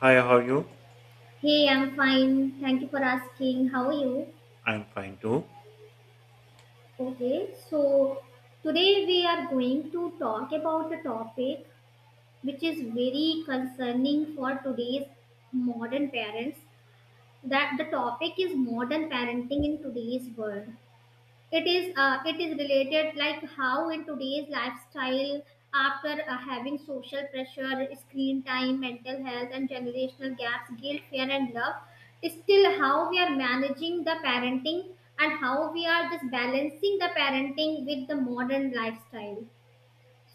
Hi, how are you? Hey, I'm fine. Thank you for asking. How are you? I'm fine too. Okay, so today we are going to talk about a topic which is very concerning for today's modern parents. That the topic is modern parenting in today's world. It is it is related like how in today's lifestyle after having social pressure, screen time, mental health, and generational gaps, guilt, fear, and love, still how we are managing the parenting and how we are just balancing the parenting with the modern lifestyle.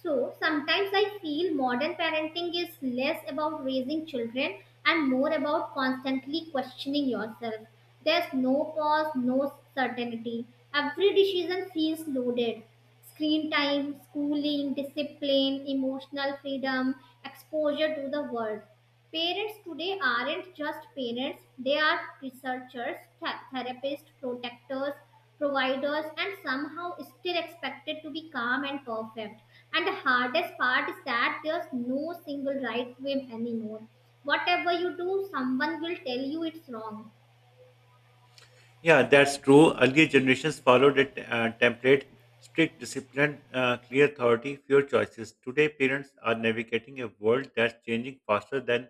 So sometimes I feel modern parenting is less about raising children and more about constantly questioning yourself. There's no pause, no certainty. Every decision feels loaded. Screen time, schooling, discipline, emotional freedom, exposure to the world. Parents today aren't just parents, they are researchers, therapists, protectors, providers, and somehow still expected to be calm and perfect. And the hardest part is that there's no single right way anymore. Whatever you do, someone will tell you it's wrong. Yeah, that's true. Earlier generations followed a template: strict discipline, clear authority, fewer choices. Today, parents are navigating a world that's changing faster than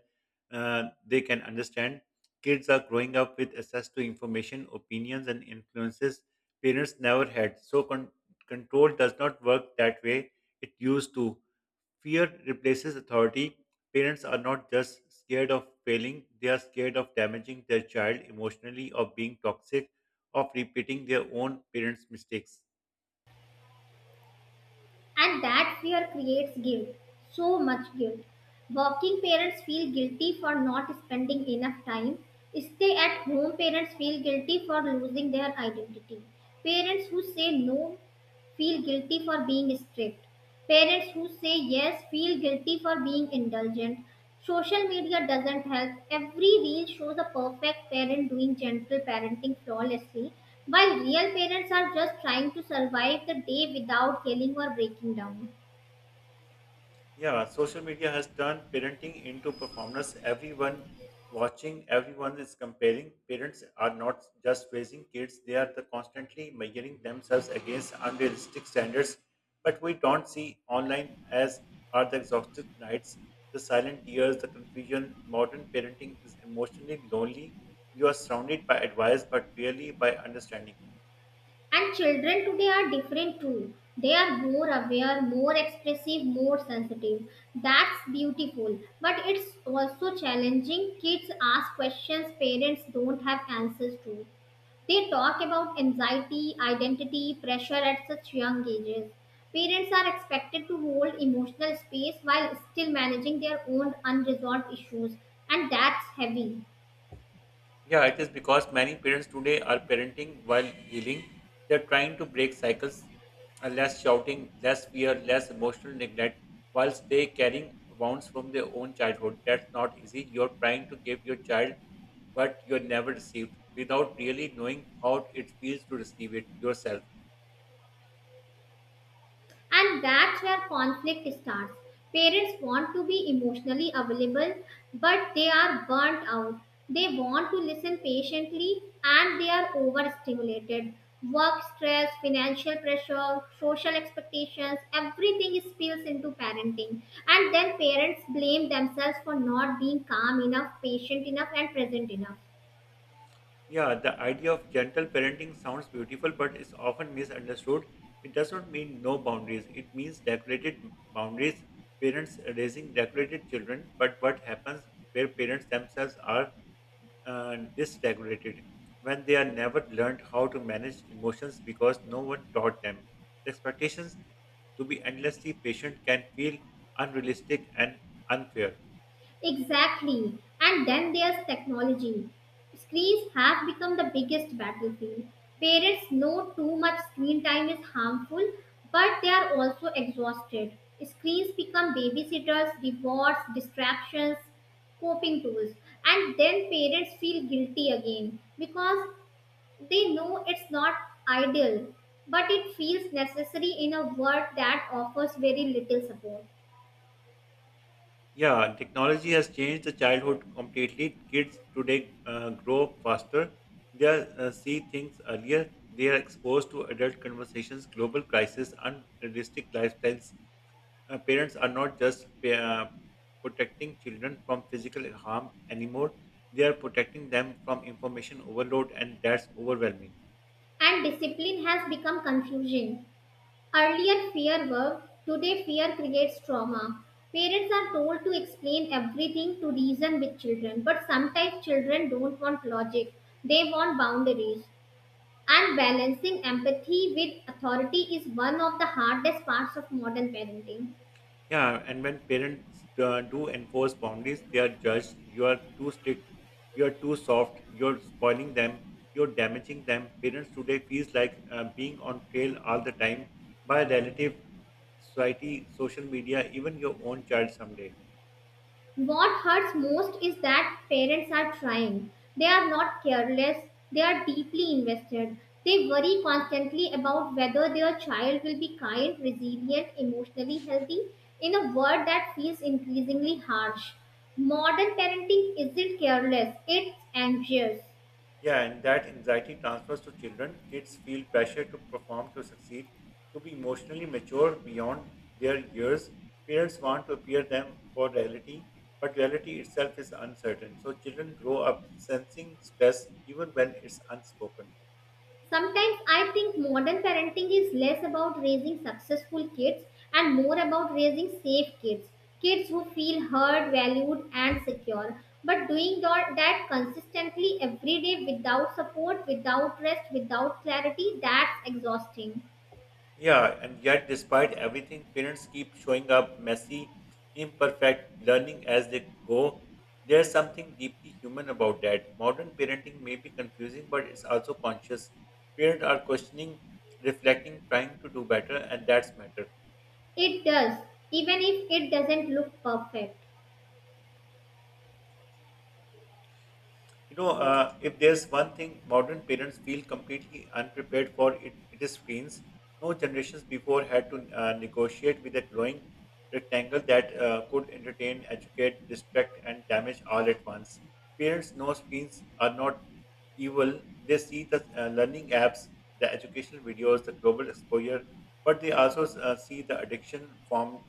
they can understand. Kids are growing up with access to information, opinions, and influences parents never had. So, control does not work that way it used to. Fear replaces authority. Parents are not just scared of failing, they are scared of damaging their child emotionally, of being toxic, of repeating their own parents' mistakes. And that fear creates guilt, so much guilt. Working parents feel guilty for not spending enough time. Stay at home parents feel guilty for losing their identity. Parents who say no feel guilty for being strict. Parents who say yes feel guilty for being indulgent. Social media doesn't help. Every reel shows a perfect parent doing gentle parenting flawlessly, while real parents are just trying to survive the day without yelling or breaking down. Yeah, social media has turned parenting into performance. Everyone watching, everyone is comparing. Parents are not just raising kids, they are the constantly measuring themselves against unrealistic standards. But we don't see online as are the exhausted nights, the silent tears, the confusion. Modern parenting is emotionally lonely. You are surrounded by advice, but rarely by understanding. And children today are different too. They are more aware, more expressive, more sensitive. That's beautiful, but it's also challenging. Kids ask questions parents don't have answers to. They talk about anxiety, identity, pressure at such young ages. Parents are expected to hold emotional space while still managing their own unresolved issues, and that's heavy. Yeah, it is because many parents today are parenting while healing. They're trying to break cycles, less shouting, less fear, less emotional neglect, whilst they carrying wounds from their own childhood. That's not easy. You're trying to give your child what you never received without really knowing how it feels to receive it yourself. And that's where conflict starts. Parents want to be emotionally available, but they are burnt out. They want to listen patiently and they are overstimulated. Work stress, financial pressure, social expectations, everything spills into parenting. And then parents blame themselves for not being calm enough, patient enough, and present enough. Yeah, the idea of gentle parenting sounds beautiful, but is often misunderstood. It does not mean no boundaries. It means regulated boundaries, parents raising regulated children. But what happens where parents themselves are dysregulated, when they are never learned how to manage emotions because no one taught them? The expectations to be endlessly patient can feel unrealistic and unfair. Exactly. And then there's technology. Screens have become the biggest battlefield. Parents know too much screen time is harmful, but they are also exhausted. Screens become babysitters, rewards, distractions, coping tools. And then parents feel guilty again because they know it's not ideal, but it feels necessary in a world that offers very little support. Yeah, technology has changed the childhood completely. Kids today grow up faster. They are, see things earlier. They are exposed to adult conversations, global crisis, unrealistic lifestyles. Parents are not just protecting children from physical harm anymore. They are protecting them from information overload, and that's overwhelming. And discipline has become confusing. Earlier fear worked, today fear creates trauma. Parents are told to explain everything, to reason with children, but sometimes children don't want logic, they want boundaries. And balancing empathy with authority is one of the hardest parts of modern parenting. Yeah, and when parents do enforce boundaries, they are judged. You are too strict. You are too soft. You're spoiling them. You're damaging them. Parents today feels like being on trail all the time by relative, society, social media, even your own child someday. What hurts most is that parents are trying. They are not careless, they are deeply invested. They worry constantly about whether their child will be kind, resilient, emotionally healthy in a world that feels increasingly harsh. Modern parenting isn't careless, it's anxious. Yeah, and that anxiety transfers to children. Kids feel pressure to perform, to succeed, to be emotionally mature beyond their years. Parents want to appear them for reality, but reality itself is uncertain. So children grow up sensing stress even when it's unspoken. Sometimes I think modern parenting is less about raising successful kids and more about raising safe kids, kids who feel heard, valued, and secure. But doing that consistently every day without support, without rest, without clarity, that's exhausting. Yeah, and yet, despite everything, parents keep showing up messy, imperfect, learning as they go. There's something deeply human about that. Modern parenting may be confusing, but it's also conscious. Parents are questioning, reflecting, trying to do better, and that's matter. It does, even if it doesn't look perfect. You know, if there's one thing modern parents feel completely unprepared for, it is screens. No generations before had to negotiate with a glowing rectangle that could entertain, educate, distract, and damage all at once. Parents know screens are not evil. They see the learning apps, the educational videos, the global exposure, but they also see the addiction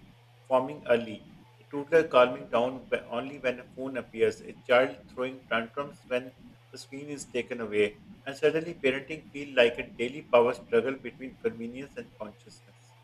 forming early, a toddler calming down only when a phone appears, a child throwing tantrums when the screen is taken away, and suddenly parenting feels like a daily power struggle between convenience and consciousness.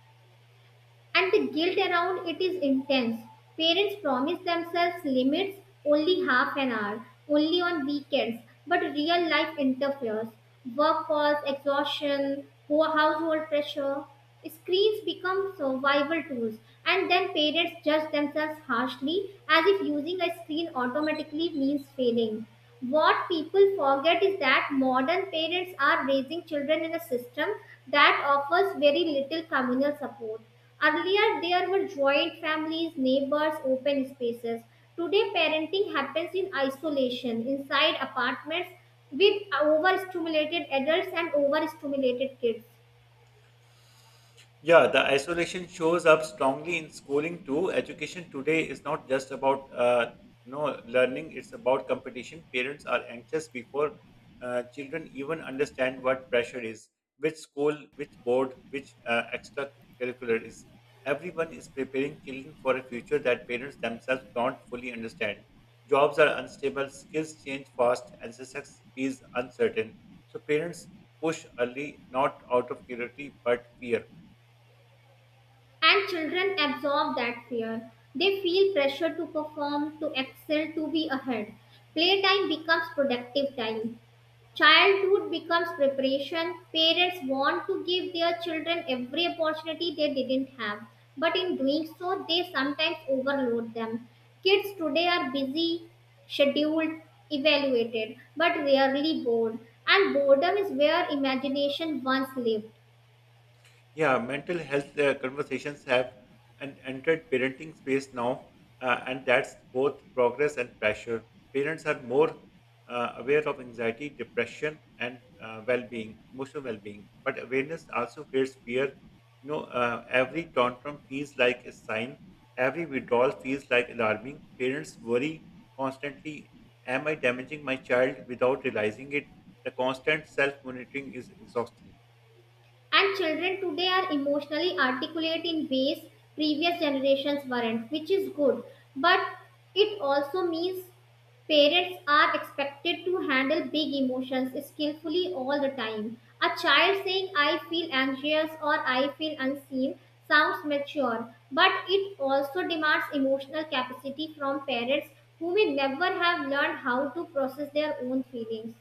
And the guilt around it is intense. Parents promise themselves limits, only half an hour, only on weekends, but real life interferes. Work calls, exhaustion, poor household pressure. Screens become survival tools, and then parents judge themselves harshly as if using a screen automatically means failing. What people forget is that modern parents are raising children in a system that offers very little communal support. Earlier, there were joint families, neighbors, open spaces. Today, parenting happens in isolation, inside apartments, with overstimulated adults and overstimulated kids. Yeah, the isolation shows up strongly in schooling too. Education today is not just about learning; it's about competition. Parents are anxious before children even understand what pressure is, which school, which board, which extracurricular is. Everyone is preparing children for a future that parents themselves don't fully understand. Jobs are unstable, skills change fast, and success is uncertain. So parents push early, not out of curiosity but fear. And children absorb that fear. They feel pressure to perform, to excel, to be ahead. Playtime becomes productive time. Childhood becomes preparation. Parents want to give their children every opportunity they didn't have, but in doing so, they sometimes overload them. Kids today are busy, scheduled, evaluated, but rarely bored, and boredom is where imagination once lived. Yeah, mental health conversations have an entered parenting space now, and that's both progress and pressure. Parents are more aware of anxiety, depression, and well-being, emotional well-being. But awareness also creates fear. You know, every tantrum feels like a sign. Every withdrawal feels like alarming. Parents worry constantly: Am I damaging my child without realizing it? The constant self-monitoring is exhausting. And children today are emotionally articulate in ways previous generations weren't, which is good. But it also means parents are expected to handle big emotions skillfully all the time. A child saying, "I feel anxious," or "I feel unseen," sounds mature, but it also demands emotional capacity from parents who may never have learned how to process their own feelings.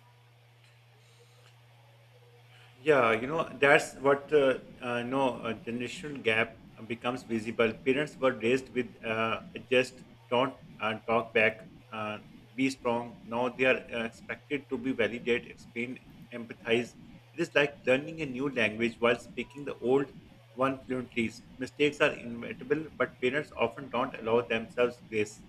Yeah, you know, that's what no a generational gap becomes visible. Parents were raised with just don't talk back, be strong. Now they are expected to be validate, explain, empathize. It is like learning a new language while speaking the old one fluently. Mistakes are inevitable, but parents often don't allow themselves grace.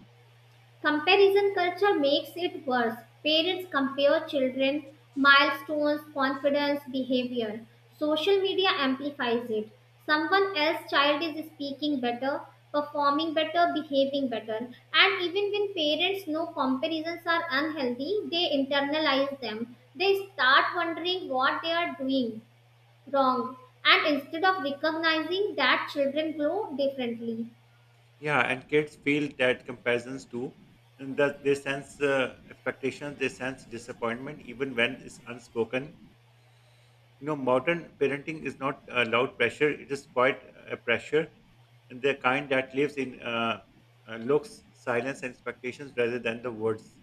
Comparison culture makes it worse. Parents compare children, milestones, confidence, behavior. Social media amplifies it. Someone else's child is speaking better, performing better, behaving better. And even when parents know comparisons are unhealthy, they internalize them. They start wondering what they are doing wrong. And instead of recognizing that children grow differently. Yeah, and kids feel that comparisons too, and that they sense expectations, they sense disappointment, even when it's unspoken. You know, modern parenting is not loud pressure; it is quite a pressure, and the kind that lives in looks, silence, and expectations rather than the words.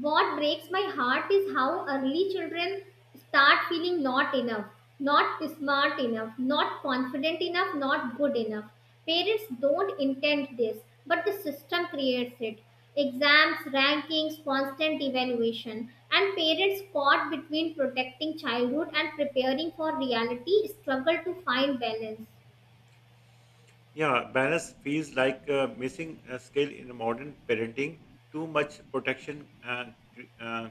What breaks my heart is how early children start feeling not enough, not smart enough, not confident enough, not good enough. Parents don't intend this, but the system creates it. Exams, rankings, constant evaluation, and parents caught between protecting childhood and preparing for reality struggle to find balance. Yeah, balance feels like a missing skill in modern parenting. Too much protection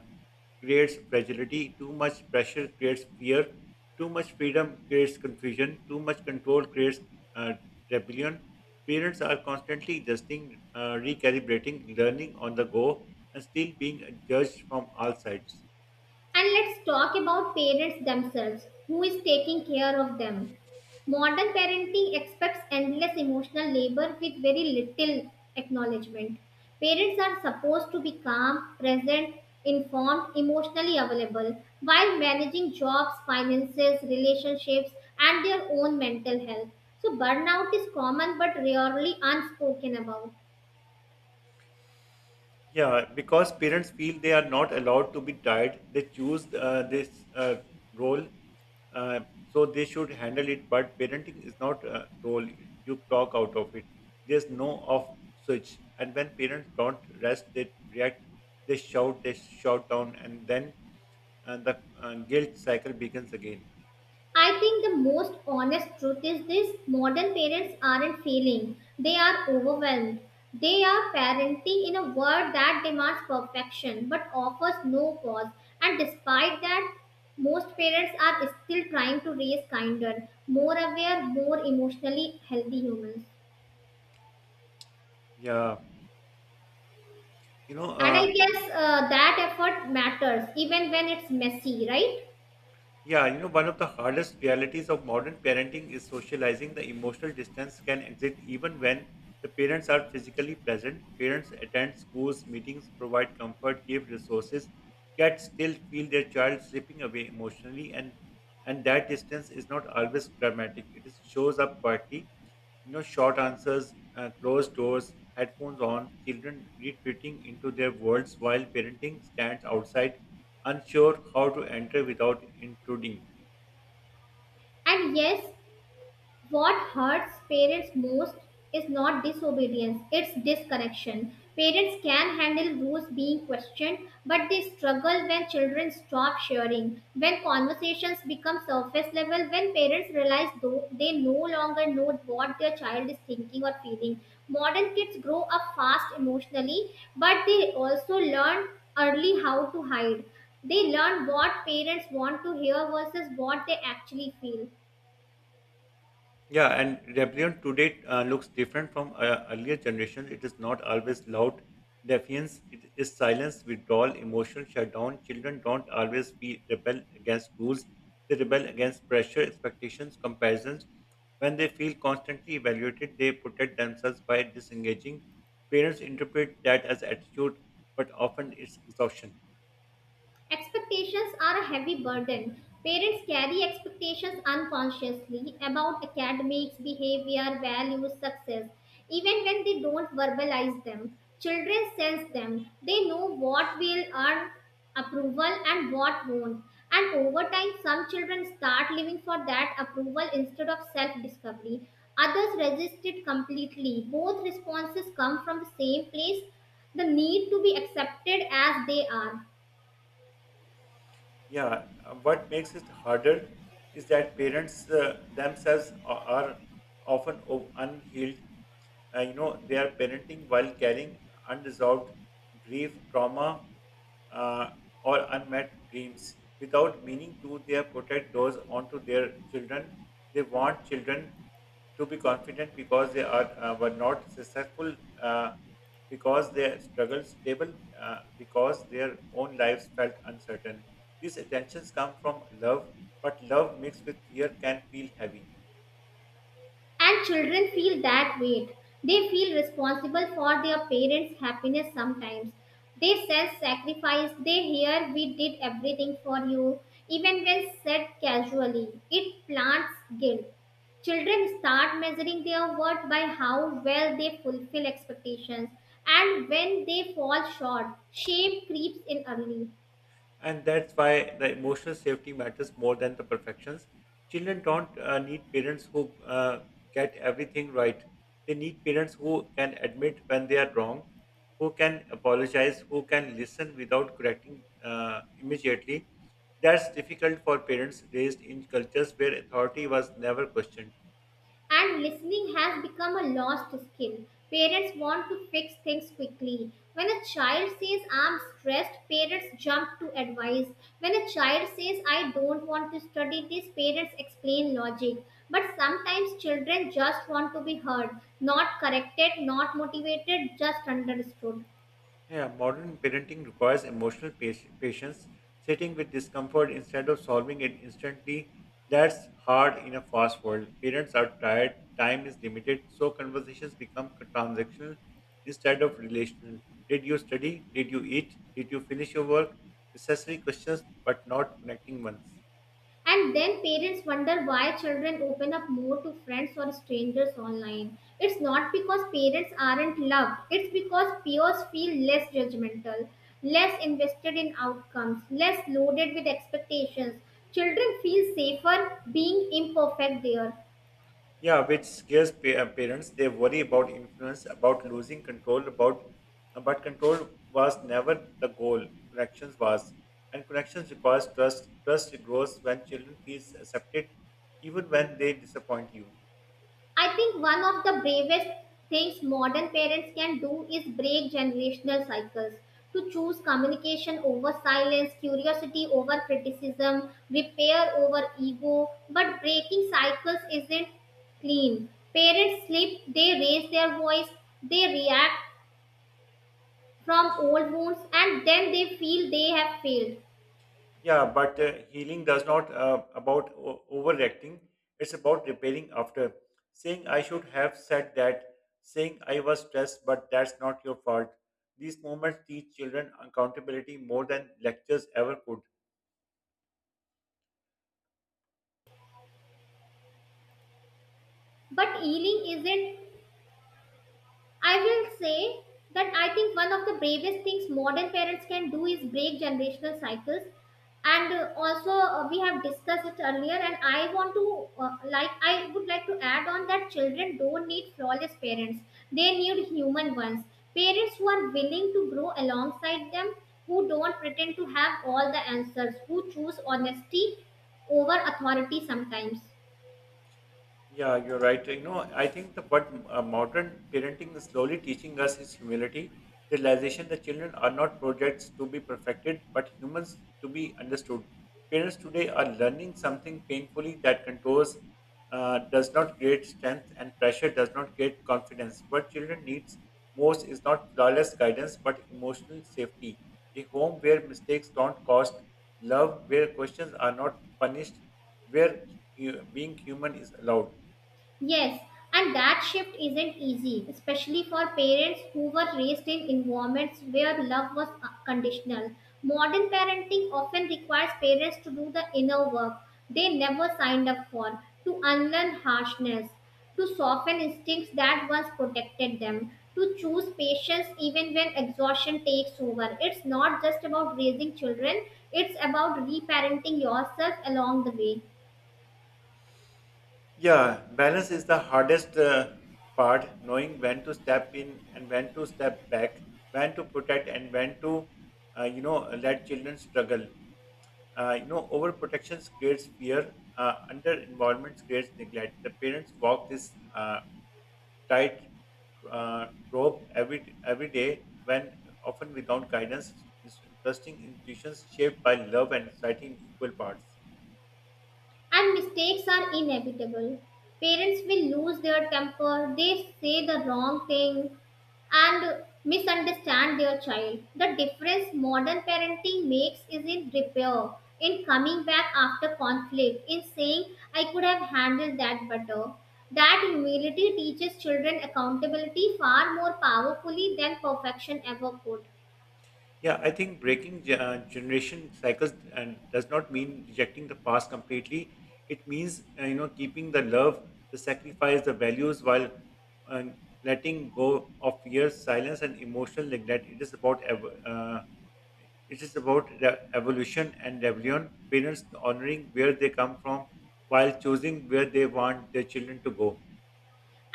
creates fragility, too much pressure creates fear, too much freedom creates confusion, too much control creates uh, rebellion. Parents are constantly adjusting, recalibrating, learning on the go, and still being judged from all sides. And let's talk about parents themselves. Who is taking care of them? Modern parenting expects endless emotional labor with very little acknowledgement. Parents are supposed to be calm, present, informed, emotionally available while managing jobs, finances, relationships, and their own mental health. So, burnout is common but rarely unspoken about. Yeah, because parents feel they are not allowed to be tied, they choose this role, uh, so they should handle it. But parenting is not a role; you clock out of it. There's no off switch, and when parents don't rest, they react, they shout down, and then the guilt cycle begins again. I think the most honest truth is this: modern parents aren't failing, they are overwhelmed. They are parenting in a world that demands perfection but offers no pause. And despite that, most parents are still trying to raise kinder, more aware, more emotionally healthy humans. Yeah, you know, And I uh, guess that effort matters even when it's messy, right? Yeah, you know, one of the hardest realities of modern parenting is socializing. The emotional distance can exist even when the parents are physically present. Parents attend schools, meetings, provide comfort, give resources, yet still feel their child slipping away emotionally, and that distance is not always dramatic. It is, shows up quietly, short answers, closed doors, headphones on, children retreating into their worlds while parenting stands outside, unsure how to enter without intruding. And yes, what hurts parents most is not disobedience, it's disconnection. Parents can handle rules being questioned, but they struggle when children stop sharing, when conversations become surface level, when parents realize though they no longer know what their child is thinking or feeling. Modern kids grow up fast emotionally, but they also learn early how to hide. They learn what parents want to hear versus what they actually feel. Yeah, and rebellion today looks different from earlier generations. It is not always loud defiance, it is silence, withdrawal, emotional shutdown. Children don't always be rebel against rules, they rebel against pressure, expectations, comparisons. When they feel constantly evaluated, they protect themselves by disengaging. Parents interpret that as attitude, but often it's exhaustion. Expectations are a heavy burden. Parents carry expectations unconsciously about academics, behavior, values, success, even when they don't verbalize them. Children sense them. They know what will earn approval and what won't. And over time, some children start living for that approval instead of self discovery. Others resist it completely. Both responses come from the same place, the need to be accepted as they are. Yeah, what makes it harder is that parents themselves are often unhealed. They are parenting while carrying unresolved grief, trauma, uh, or unmet dreams. Without meaning to, they protect those onto their children. They want children to be confident because they are were not successful uh, because their struggles stable because their own lives felt uncertain these attentions come from love, but love mixed with fear can feel heavy. And children feel that weight. They feel responsible for their parents' happiness sometimes. They self sacrifice, they hear "we did everything for you," even when said casually. It plants guilt. Children start measuring their worth by how well they fulfill expectations, and when they fall short, shame creeps in early. And that's why the emotional safety matters more than the perfections. Children don't need parents who get everything right. They need parents who can admit when they are wrong, who can apologize, who can listen without correcting immediately. That's difficult for parents raised in cultures where authority was never questioned. And listening has become a lost skill. Parents want to fix things quickly. When a child says, "I'm stressed," parents jump to advice. When a child says, "I don't want to study this," parents explain logic. But sometimes children just want to be heard, not corrected, not motivated, just understood. Yeah, modern parenting requires emotional patience, sitting with discomfort instead of solving it instantly. That's hard in a fast world. Parents are tired, time is limited, so conversations become transactional instead of relational. Did you study? Did you eat? Did you finish your work? Necessary questions, but not connecting ones. And then parents wonder why children open up more to friends or strangers online. It's not because parents aren't loved, it's because peers feel less judgmental, less invested in outcomes, less loaded with expectations. Children feel safer being imperfect there. Yeah, which scares parents. They worry about influence, about losing control, about but control was never the goal. Connections was, and connections requires trust. Trust grows when children feels accepted, even when they disappoint you. I think one of the bravest things modern parents can do is break generational cycles, to choose communication over silence, curiosity over criticism, repair over ego. But breaking cycles isn't clean. Parents slip, they raise their voice, they react from old wounds, and then they feel they have failed. Yeah, but healing does not about overreacting. It's about repairing after. Saying I should have said that. Saying I was stressed, but that's not your fault. These moments teach children accountability more than lectures ever could. But healing isn't, I will say that I think one of the bravest things modern parents can do is break generational cycles. And also, we have discussed it earlier, and I want to I would like to add on that children don't need flawless parents; they need human ones. Parents who are willing to grow alongside them, who don't pretend to have all the answers, who choose honesty over authority sometimes. Yeah, you're right. You know, I think the what modern parenting is slowly teaching us is humility, the realization that children are not projects to be perfected, but humans to be understood. Parents today are learning something painfully that contours does not create strength and pressure does not create confidence. What children needs most is not flawless guidance, but emotional safety. A home where mistakes don't cost, love where questions are not punished, where being human is allowed. Yes, and that shift isn't easy, especially for parents who were raised in environments where love was conditional. Modern parenting often requires parents to do the inner work they never signed up for, to unlearn harshness, to soften instincts that once protected them, to choose patience even when exhaustion takes over. It's not just about raising children, it's about reparenting yourself along the way. Yeah, balance is the hardest part, knowing when to step in and when to step back, when to protect and when to, let children struggle. Overprotection creates fear, under involvement creates neglect. The parents walk this tight rope every day, when often without guidance, trusting intuitions shaped by love and society in equal parts. And mistakes are inevitable. Parents will lose their temper, they say the wrong thing, and misunderstand their child. The difference modern parenting makes is in repair, in coming back after conflict, in saying, "I could have handled that better." That humility teaches children accountability far more powerfully than perfection ever could. Yeah, I think breaking generation cycles and does not mean rejecting the past completely. It means keeping the love, the sacrifice, the values while uh, letting go of years, silence, and emotional neglect. It is about the evolution and rebellion. Parents honoring where they come from while choosing where they want their children to go.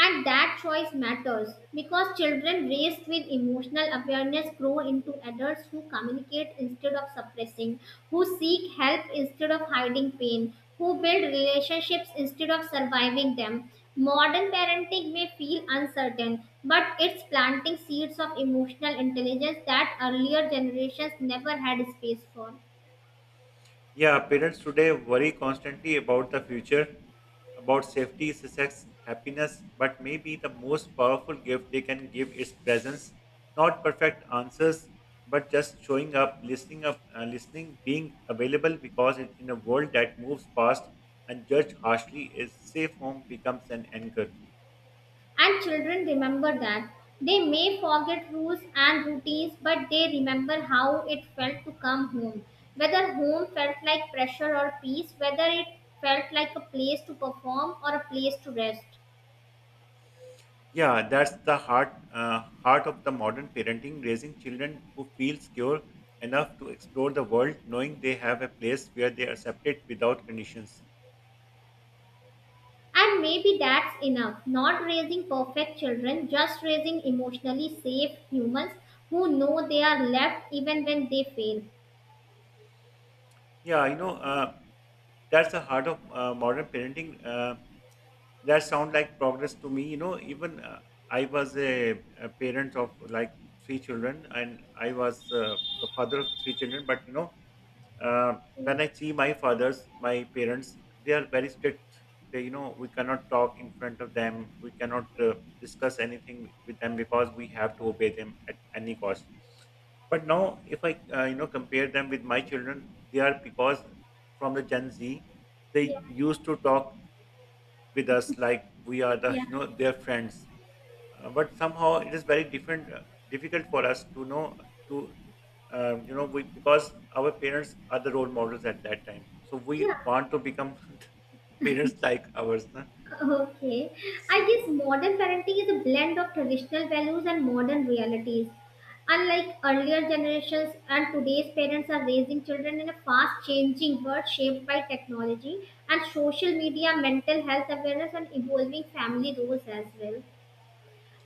And that choice matters because children raised with emotional awareness grow into adults who communicate instead of suppressing, who seek help instead of hiding pain, who build relationships instead of surviving them. Modern parenting may feel uncertain, but it's planting seeds of emotional intelligence that earlier generations never had space for. Yeah, parents today worry constantly about the future, about safety, sex, happiness, but maybe the most powerful gift they can give is presence. Not perfect answers, but just showing up, listening, being available because in a world that moves fast and judged harshly, a safe home becomes an anchor. And children remember that. They may forget rules and routines, but they remember how it felt to come home. Whether home felt like pressure or peace, whether it felt like a place to perform or a place to rest. Yeah, that's the heart of the modern parenting, raising children who feel secure enough to explore the world, knowing they have a place where they are accepted without conditions. And maybe that's enough. Not raising perfect children, just raising emotionally safe humans who know they are loved even when they fail. Yeah, that's the heart of modern parenting. That sound like progress to me. You know, even I was a parent of like three children, and I was the father of the three children. But you know, uh, when I see my fathers, my parents, they are very strict. They, you know, we cannot talk in front of them. We cannot discuss anything with them because we have to obey them at any cost. But now, if I you know, compare them with my children, they are because from the Gen Z, they Yeah, used to talk with us like we are yeah, you know, their friends but somehow it is very different difficult for us to know to you know we because our parents are the role models at that time, so we yeah. want to become the parents like ours, huh? Okay. I So, guess modern parenting is a blend of traditional values and modern realities. Unlike earlier generations, and today's parents are raising children in a fast changing world shaped by technology and social media, mental health awareness, and evolving family roles as well.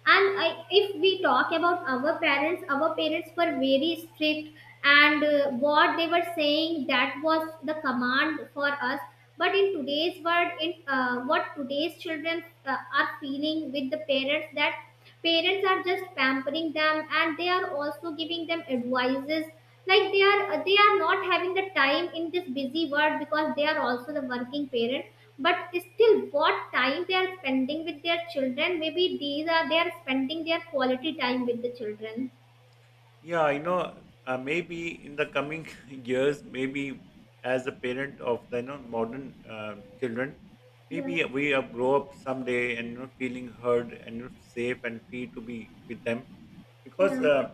And I, if we talk about our parents, our parents were very strict, and what they were saying, that was the command for us. But in today's world, in what today's children are feeling with the parents, that parents are just pampering them, and they are also giving them advices, like they are, they are not having the time in this busy world because they are also the working parent. But still, what time they are spending with their children, maybe these are, they are spending their quality time with the children. yeah, you know, maybe in the coming years, maybe as a parent of the you know modern children, Yeah, maybe we grow up someday and you know feeling heard and you know, safe and free to be with them because yeah.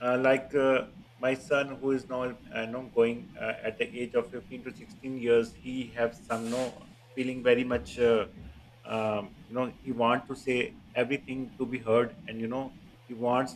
uh, like uh, my son who is now you going at the age of 15 to 16 years, he have some no feeling very much you know he want to say everything to be heard, and you know he wants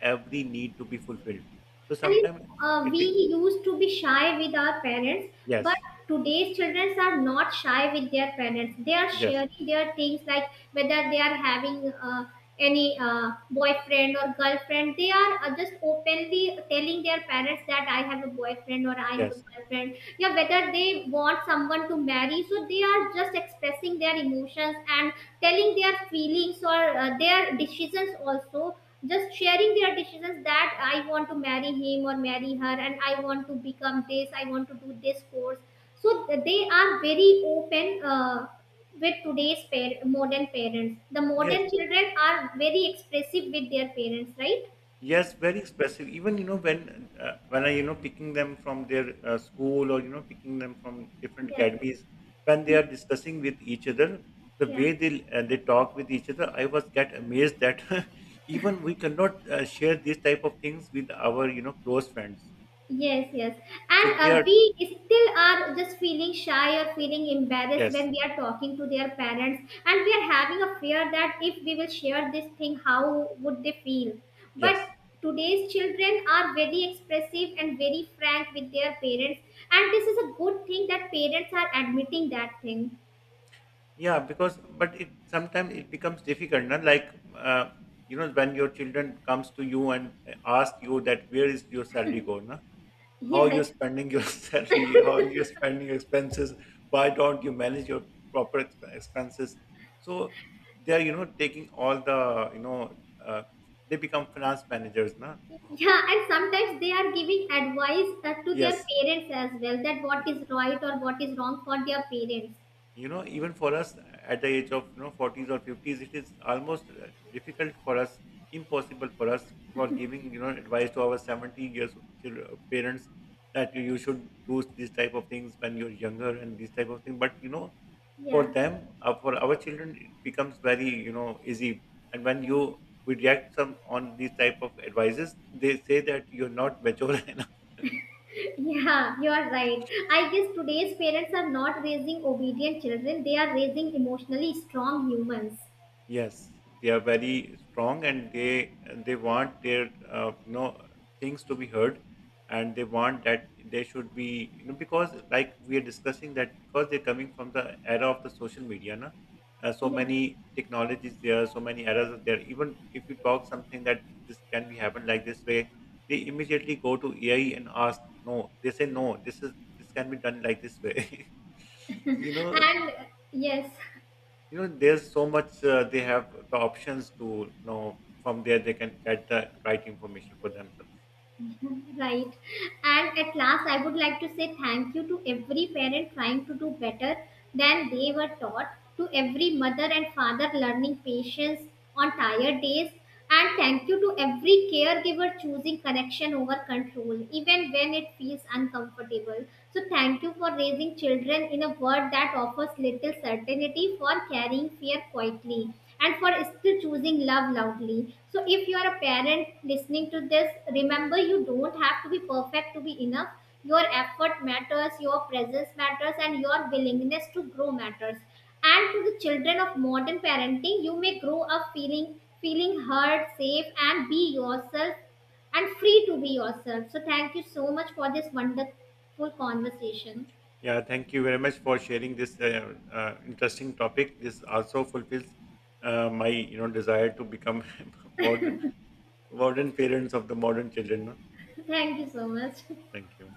every need to be fulfilled, so And sometimes it we used to be shy with our parents, but yes. today's children are not shy with their parents. They are Yes. sharing their things, like whether they are having any boyfriend or girlfriend. They are just openly telling their parents that I have a boyfriend or I have a Yes. girlfriend. Yeah, whether they want someone to marry, so they are just expressing their emotions and telling their feelings or their decisions also, just sharing their decisions that I want to marry him or marry her, and I want to become this, I want to do this course. So they are very open with today's modern parents. The Yes. modern children are very expressive with their parents, right? Yes, very expressive. Even you know when I you know picking them from their school or you know picking them from different Yeah, academies, when they are discussing with each other, the yeah. way they talk with each other, I was get amazed that even we cannot share these type of things with our you know close friends. Yes, yes. So And they are we still are just feeling shy or feeling embarrassed yes. when we are talking to their parents, and we are having a fear that if we will share this thing, how would they feel? But Yes. today's children are very expressive and very frank with their parents, and this is a good thing that parents are admitting that thing. Yeah, because but it sometimes it becomes difficult, na? You know when your children comes to you and ask you that where is your salary go, na? How you're spending your salary, how you're spending your expenses. Why don't you manage your proper expenses? So they're you know taking all the you know they become finance managers, na? Yeah, yeah, and sometimes they are giving advice to their Yes, parents as well, that what is right or what is wrong for their parents. you know even for us at the age of you know 40s or 50s, it is almost difficult for us, impossible for us for giving you know advice to our 70 years parents that you should do these type of things when you're younger and these type of things. But you know for Yeah. them, for our children it becomes very you know easy, and when you reject some on these type of advices, they say that you're not mature enough. Yeah, you are right. I guess today's parents are not raising obedient children, they are raising emotionally strong humans. Yes, they are very strong, and they want their you know things to be heard, and they want that they should be you know because like we are discussing that because they're coming from the era of the social media, na, so Yeah. many technologies there, so many eras are there. Even if you talk something that this can be happened like this way, they immediately go to AI and ask. No, they say no. This can be done like this way. you know And yes. you know there's so much they have the options to know from there they can get the right information for themselves. Right. And at last, I would like to say thank you to every parent trying to do better than they were taught, to every mother and father learning patience on tired days, and thank you to every caregiver choosing connection over control even when it feels uncomfortable. So thank you for raising children in a world that offers little certainty, for carrying fear quietly, and for still choosing love loudly. So, if you are a parent listening to this, remember you don't have to be perfect to be enough. Your effort matters, your presence matters, and your willingness to grow matters. And to the children of modern parenting, you may grow up feeling heard, safe, and be yourself and free to be yourself. So, thank you so much for this wonderful conversation. Yeah, thank you very much for sharing this interesting topic. This also fulfills my you know desire to become modern modern parents of the modern children, no? Thank you so much. Thank you.